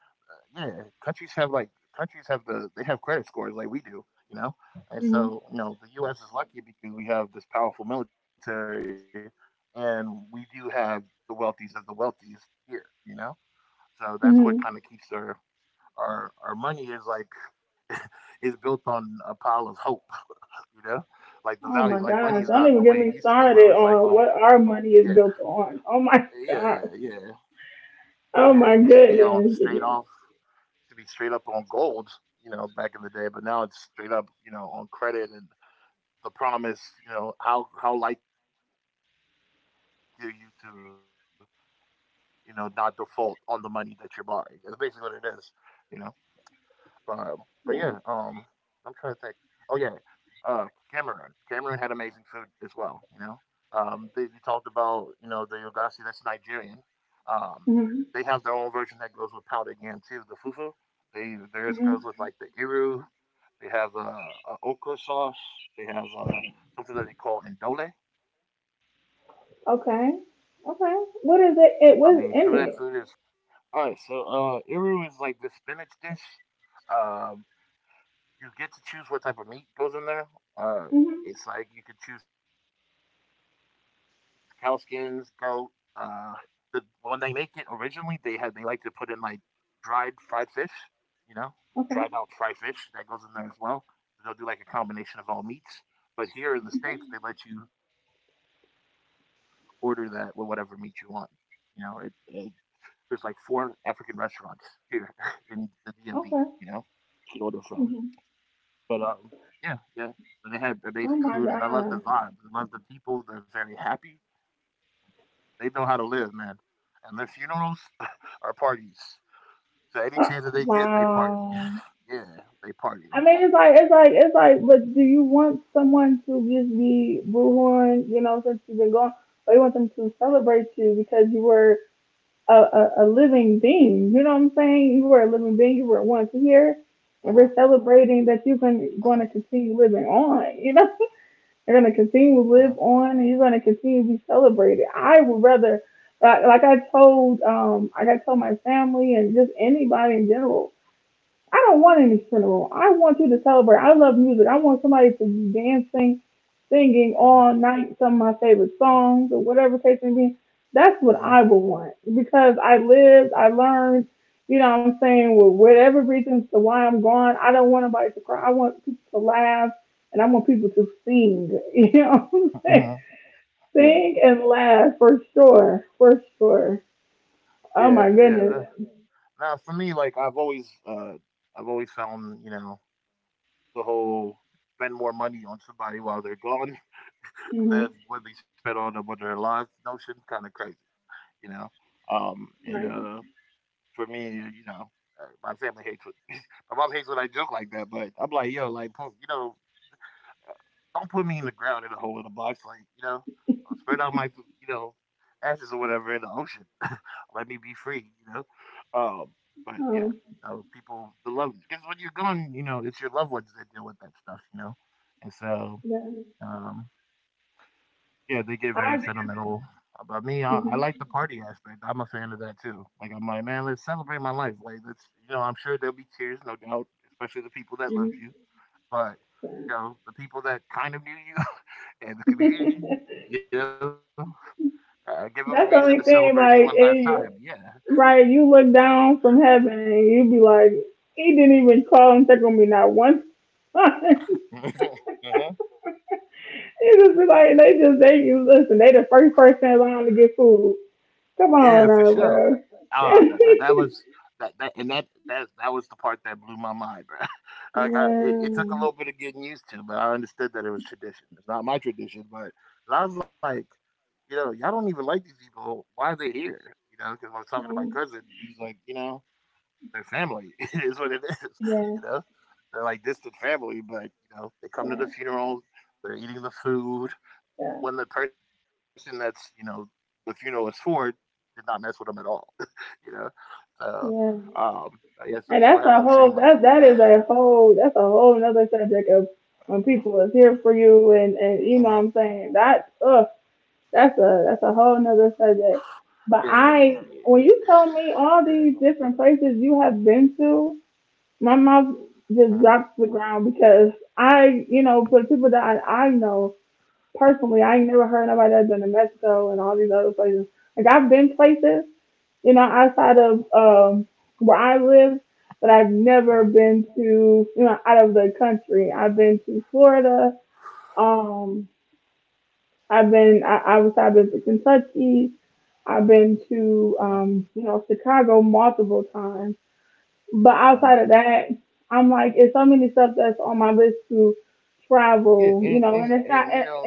S2: Yeah, countries have like countries have they have credit scores like we do, you know. And so, you know, the US is lucky because we have this powerful military, and we do have the wealthiest of the wealthiest here, you know? So that's what kind of keeps our, our money is like, is built on a pile of hope, you know? Like the value, like money is not the way it used to be where it was like on, yeah, yeah, yeah. Yeah, it used to be on straight off to be straight up on gold, you know, back in the day, but now it's straight up, you know, on credit and the promise. You know, how likely are you to, you know, not default on the money that you're borrowing? That's basically what it is, you know. But but yeah, I'm trying to think. Oh yeah, uh, Cameroon. Cameroon had amazing food as well. You know, you talked about you know the yogasi. That's Nigerian. Um, they have their own version that goes with powdered again too. The fufu. They theirs goes with like the iru. They have a okra sauce. They have something that they call indole. I mean, some of that food is fire. And even here, I still order some of that food. All right, so iru is like the spinach dish. Um, you get to choose what type of meat goes in there. Uh, it's like you could choose cow skins, goat. Uh, the when they make it originally, they like to put in like dried fried fish. You know, dried out fried fish that goes in there as well. They'll do like a combination of all meats. But here in the states, they let you order that with whatever meat you want. You know, it there's like four African restaurants here <laughs> in the DMV. You know, to order from. But yeah, they had amazing food, and I love the vibes, I love the people, they're very happy, they know how to live, man, and their funerals <laughs> are parties, so any chance that they get, they party. <laughs> Yeah, they party. Uh-huh, uh-huh, uh-huh, uh-huh, uh-huh, uh-huh. Yeah, yeah, yeah, tha now for me, like, I've always found, you know, the whole spend more money on somebody while they're gone <laughs> than what they spend on them when they're alive notion kinda crazy, you know. And for me, you know, my family hates what <laughs> my mom hates when I joke like that. But I'm like, yo, like, you know, don't put me in the ground in a hole in a box, like, you know, I'll spread out my, you know, ashes or whatever in the ocean. Let me be free, you know. Um, but yeah, no, people the love because when you're gone, you know, it's your loved ones that deal with that stuff, you know. And so, um, yeah, they get very sentimental about me. I like the party aspect. I'm a fan of that too. Like I'm like, man, let's celebrate my life. Like let's, you know, I'm sure there'll be tears, no doubt, especially the people that loved you. But you know, the people that kind of knew you <laughs> and the community, you know, give them a reason to celebrate me one last time. Yeah. <laughs> Mhm. Yeah, for sure. That, that, that was that, that and that that that was the part that blew my mind, bro. <laughs> like it took a little bit of getting used to, but I understood that it was tradition. It's not my tradition, but I was like, you know, y'all don't even like these people. Why are they here? You know, because I was talking to my cousin, he's like, you know, their family <laughs> is what it is. <laughs> You know, they're like distant family, but you know, they come to the funerals, they're eating the food, when the person that's you know the funeral is for did not mess with them at all. <laughs> you know, so um, yeah, some people have no shame like that. <laughs> Mhm. Yeah, yeah, uh-huh, uh-huh, uh-huh, uh-huh. Yeah, and you know,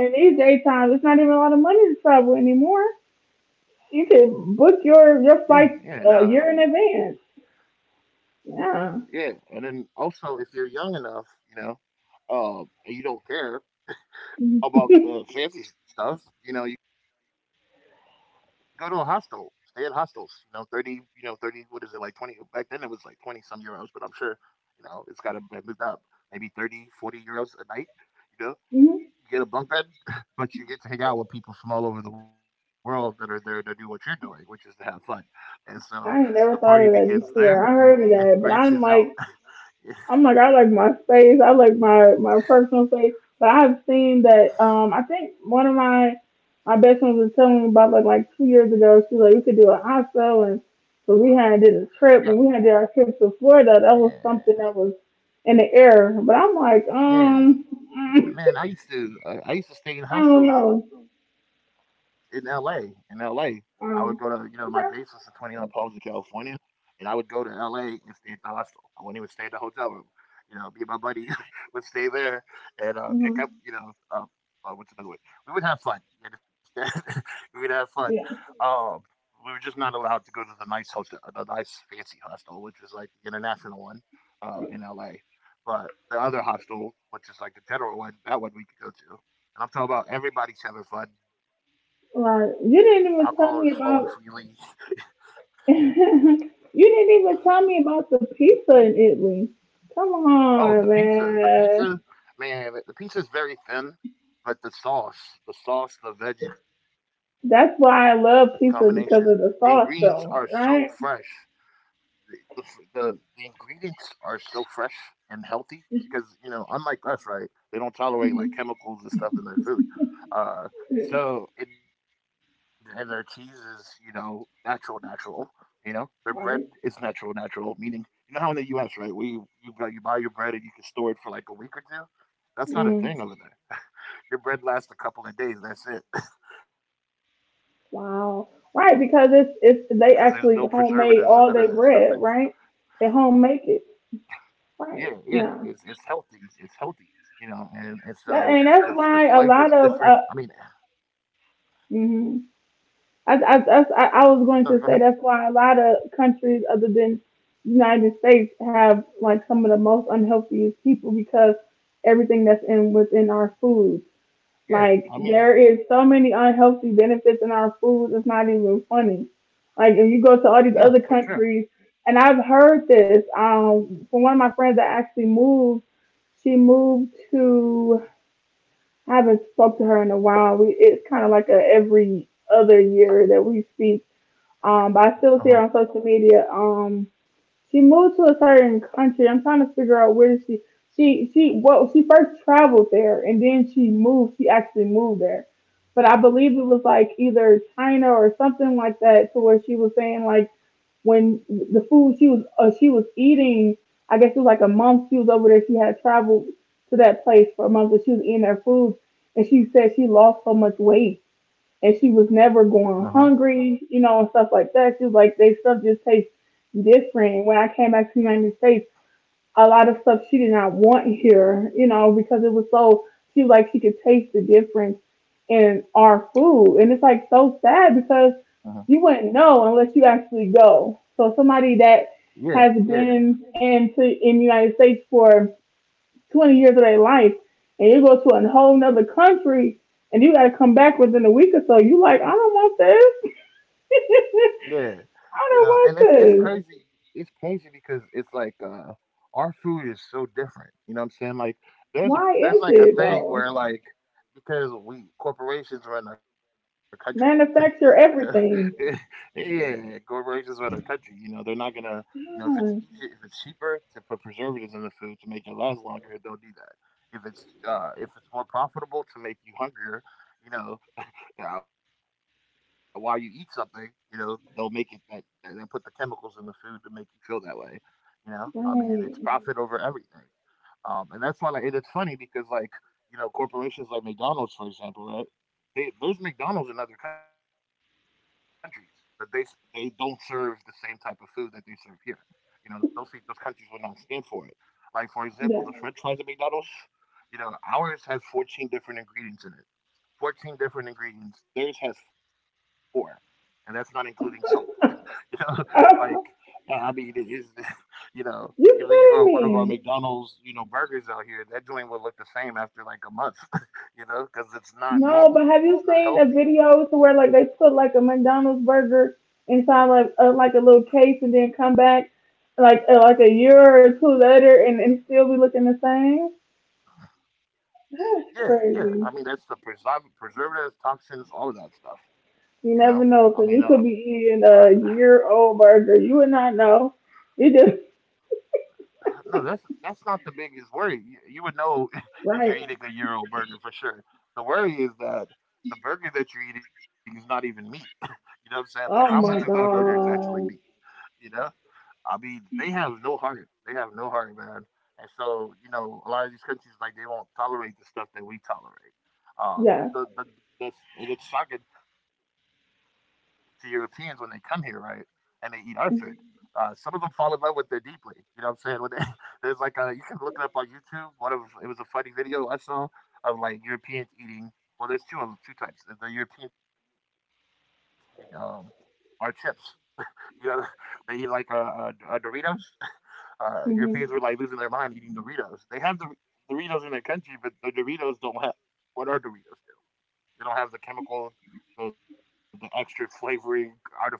S2: yeah, yeah, nah, yeah, and then also if you're young enough, you know, and you don't care about the fancy stuff. You know, you go to a hostel, stay at hostels. You know, 30. You know, 30. What is it like? 20. Back then it was like 20 some euros, but I'm sure you know it's got to moved up. Maybe 30, 40 euros a night. You know, you get a bunk bed, but you get to hang out with people from all over the world that are there to do what you're doing, which is to have fun. And so the party begins there and branches out. <laughs> yeah, man. Yeah. Man, I used to stay in hostels in L.A. In L.A., I would go to you know my base was in 29 Palms in California, and I would go to L.A. and stay at the hostel. I wouldn't even stay at the hotel room. You know, me and my buddy <laughs> would stay there and pick up. You know, what's another way? We would have fun. You understand? <laughs> we would have fun. Um, we were just not allowed to go to the nice hotel, the nice fancy hostel, which was like the international one in L.A. But the other hostel, which is like the general one, that one we could go to. And I'm talking about everybody's having fun. Alcohol is flowing freely. Oh, the pizza. The pizza, man, the pizza is very thin, but the sauce, the sauce, the veggie combination, the ingredients are so fresh. the the the ingredients are so fresh and healthy because you know, unlike us, right? They don't tolerate like chemicals and stuff in their food. Uh, and their cheese is you know natural, natural. You know, their bread is natural, natural. Meaning, you know how in the U.S., right? We you you buy your bread and you can store it for like a week or two. That's not a thing over there. Your bread lasts a couple of days. That's it, <laughs> because there's no preservatives and none of that stuff in it. Yeah, yeah, it's healthy. It's healthy, you know, and so the flavor is different. I mean, <sighs> no, go ahead. Yeah, I mean, yeah, for sure. Uh huh. Uh huh. Uh huh. Uh huh. Yeah, yeah, yeah. You know, and it's crazy. It's crazy because it's like our food is so different. You know what I'm saying? Like there's like a thing where like because we corporations run our country. You know, <laughs> yeah, corporations with our country, you know, they're not gonna, you know, if it's easy, if it's cheaper to put preservatives in the food to make it last longer, they'll do that. If it's if it's more profitable to make you hungrier, you know, while you eat something, you know, they'll make it that and then put the chemicals in the food to make you feel that way, you know. I mean, it's profit over everything. And that's why, like, and it's funny because, like, you know, corporations like McDonald's, for example, right? There's McDonald's in other countries, but they don't serve the same type of food that they serve here. You know, those countries will not stand for it. Like, for example, the French fries at McDonald's, you know, ours has 14 different ingredients in it. 14 different ingredients. Theirs has four, and that's not including salt. <laughs> You know, like I mean, it is, <laughs> you know, you leave one of our McDonald's, you know, burgers out here, that joint will look the same after like a month, <laughs> you know, because it's not normal. It's not healthy. Yeah, yeah. I mean, that's the preservatives, toxins, all of that stuff. You know, I mean, uh, no, that's not the biggest worry. You would know <laughs> if you're eating a euro burger for sure. The worry is that the burger that you're eating is not even meat. <laughs> you know what I'm saying? Like, how much of that burger is actually meat? You know, I mean, they have no heart. They have no heart, man. And so, you know, a lot of these countries like they won't tolerate the stuff that we tolerate. The that's and it's shocking to Europeans when they come here, right? And they eat our food. Some of them fall in love with it deeply. You know what I'm saying? <laughs> There's like a, you can look it up on YouTube. One of it was a funny video I saw of like Europeans eating. Well, there's two of 'em, two types. There's the Europeans eating our chips. You know, <laughs> they eat like Doritos. Europeans were like losing their mind eating Doritos. They have the Doritos in their country, but the Doritos don't have, what are Doritos? They don't have the chemical, the extra flavoring, artificial flavoring.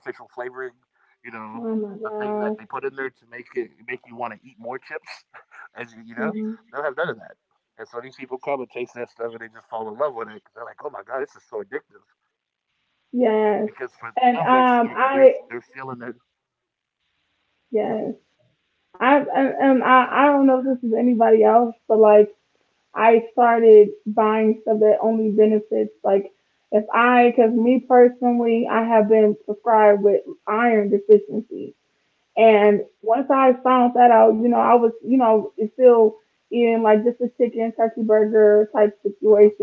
S2: You know, the thing that they put in there to make it make you want to eat more chips, <laughs> as you, you know, they don't have none of that. And so these people come and taste that stuff and they just fall in love with it. 'Cause they're like, oh my god, this is so addictive. Because for them, they're feeling it. Uh-huh, yeah. Uh huh. Uh huh.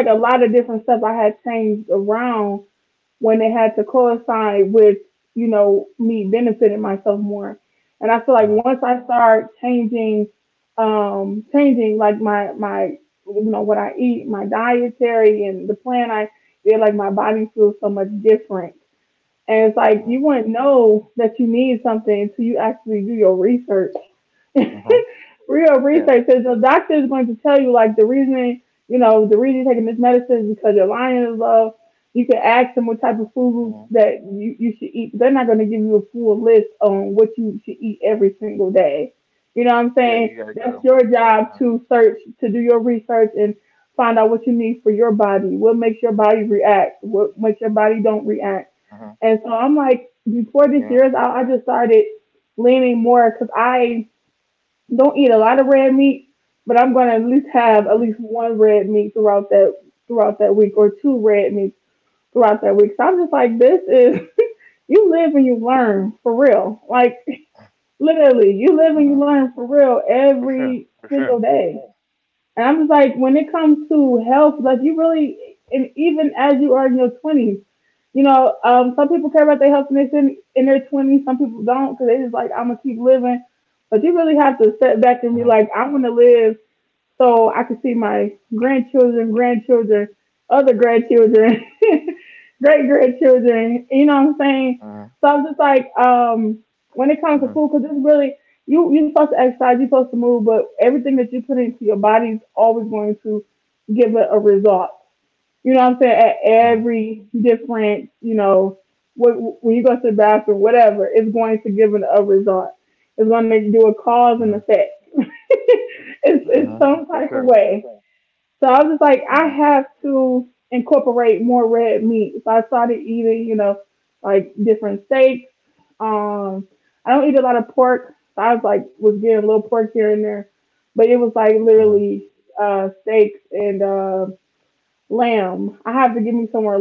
S2: Uh huh. Uh huh. Uh huh. Uh-huh. Yeah. Mm-hmm. Yeah, you gotta go. Uh huh. Uh huh. Yeah. Mm-hmm. Uh huh. For sure. For sure. Mhm, mhm, mhm, mhm, mhm, mhm, for sure. Mhm, mhm, mhm,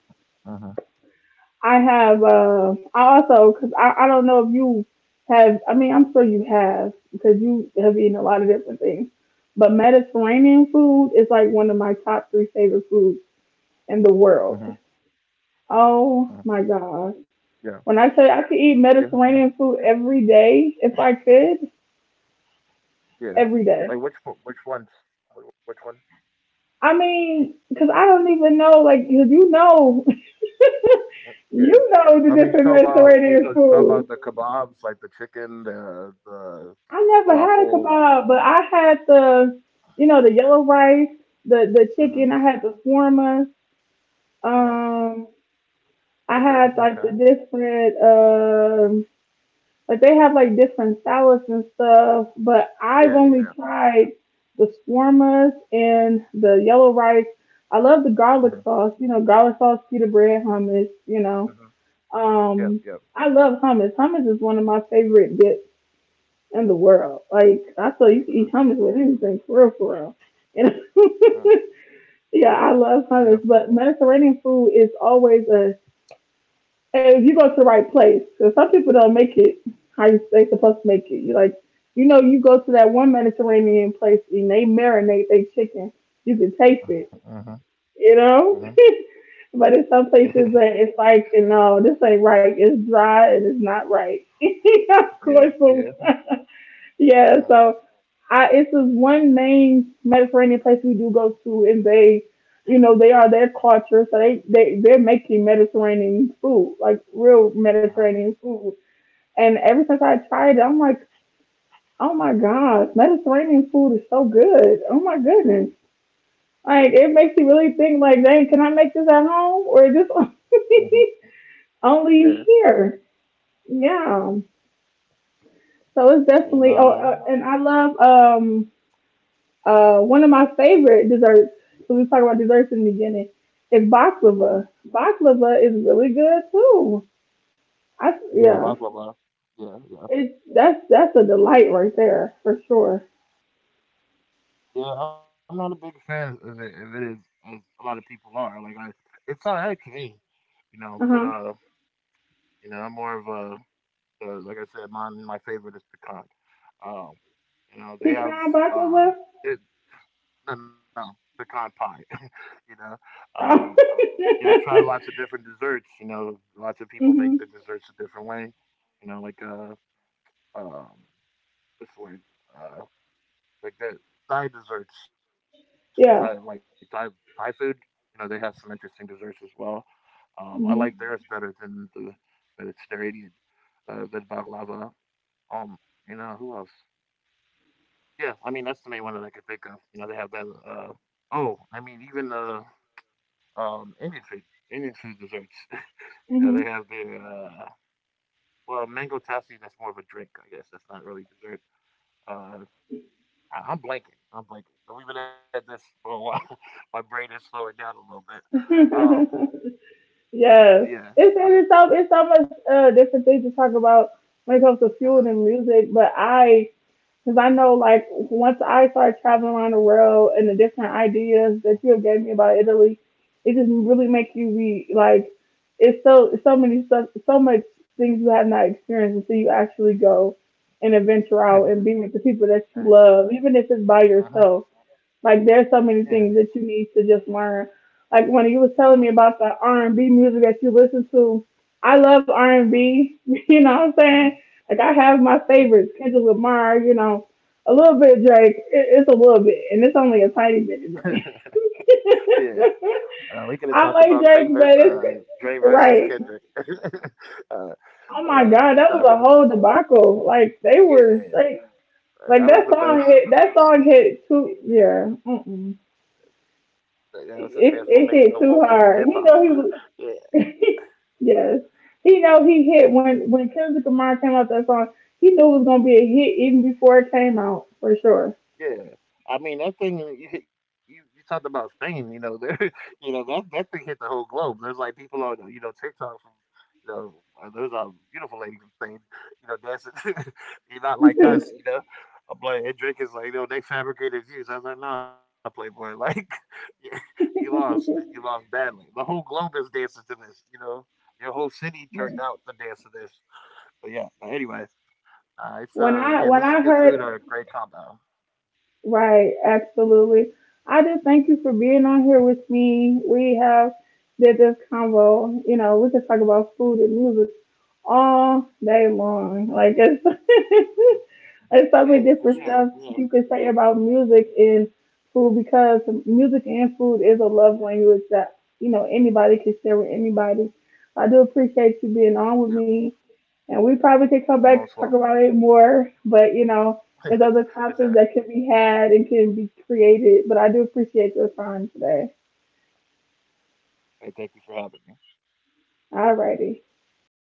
S2: mhm, mhm, mhm. Yeah, yeah, yeah, yeah. Like which ones? Which one? Mm, yeah. I mean, you talk about the kebabs, like the chicken, the falafel. Mhm, mhm. Okay, okay. Yeah, yeah. Mhm, mhm. Yep, yep. Mhm, mhm. Yeah. Mhm, mhm. <laughs> Yeah, yeah. Mhm, mhm, mhm. Yeah. Yeah, no. Uh-huh. Yeah, baklava. Yeah, yeah, yeah. I'm not a big fan of it, if it is, as a lot of people are. It's all right to me, you know. But uh, you know. I'm more of a, like I said, my favorite is pecan. Um, you know, they have uh, it, no, no, pecan pie. <laughs> you know, um, yeah, I've tried lots of different desserts. You know, lots of people make the desserts a different way. You know, um, this way. Like the Thai desserts, Thai like Thai Thai food. You know, they have some interesting desserts as well. I like theirs better than the Mediterranean, the baklava. Um, you know who else? Yeah, I mean that's the main one that I could think of. You know, they have that. Oh, I mean even um, Indian food, Indian food desserts. <laughs> You know, they have the well, mango lassi. That's more of a drink, I guess. That's not really dessert. Uh, I'm blanking. I'm blanking. But we've been at this <laughs> for a while. <laughs> My brain is slowing down a little bit. Uh, yeah. Uh, huh Yeah. Uh huh. Yeah. Uh huh. Uh huh. Uh-huh. Mhm. <laughs> Yeah. We could have talked about Craig versus Dre versus Kendrick. <laughs> uh, but No, go ahead. Yeah, that was the best. That was a transformational moment in hip hop. <laughs> Yeah. Uh-huh. Yeah, I mean that thing. You you talked about Spain. You know, there. <laughs> You know, that thing hit the whole globe. There's like people on, you know, TikTok from, you know, there's a beautiful lady from Spain, you know, dancing. <laughs> You're not like us, you know. I'm like, and Drake is like, you know, they fabricated views. I was like, nah, Playboy, <laughs> like, you you lost, and you lost badly. The whole globe is dancing to this, you know. Your whole city turned out to dance to this. But yeah, but anyway, it's yeah, music and food are a great combo. Uh-huh. Yeah, for sure. Yeah, yeah. You're most welcome. <laughs> For sure. Hey, thank you for having me.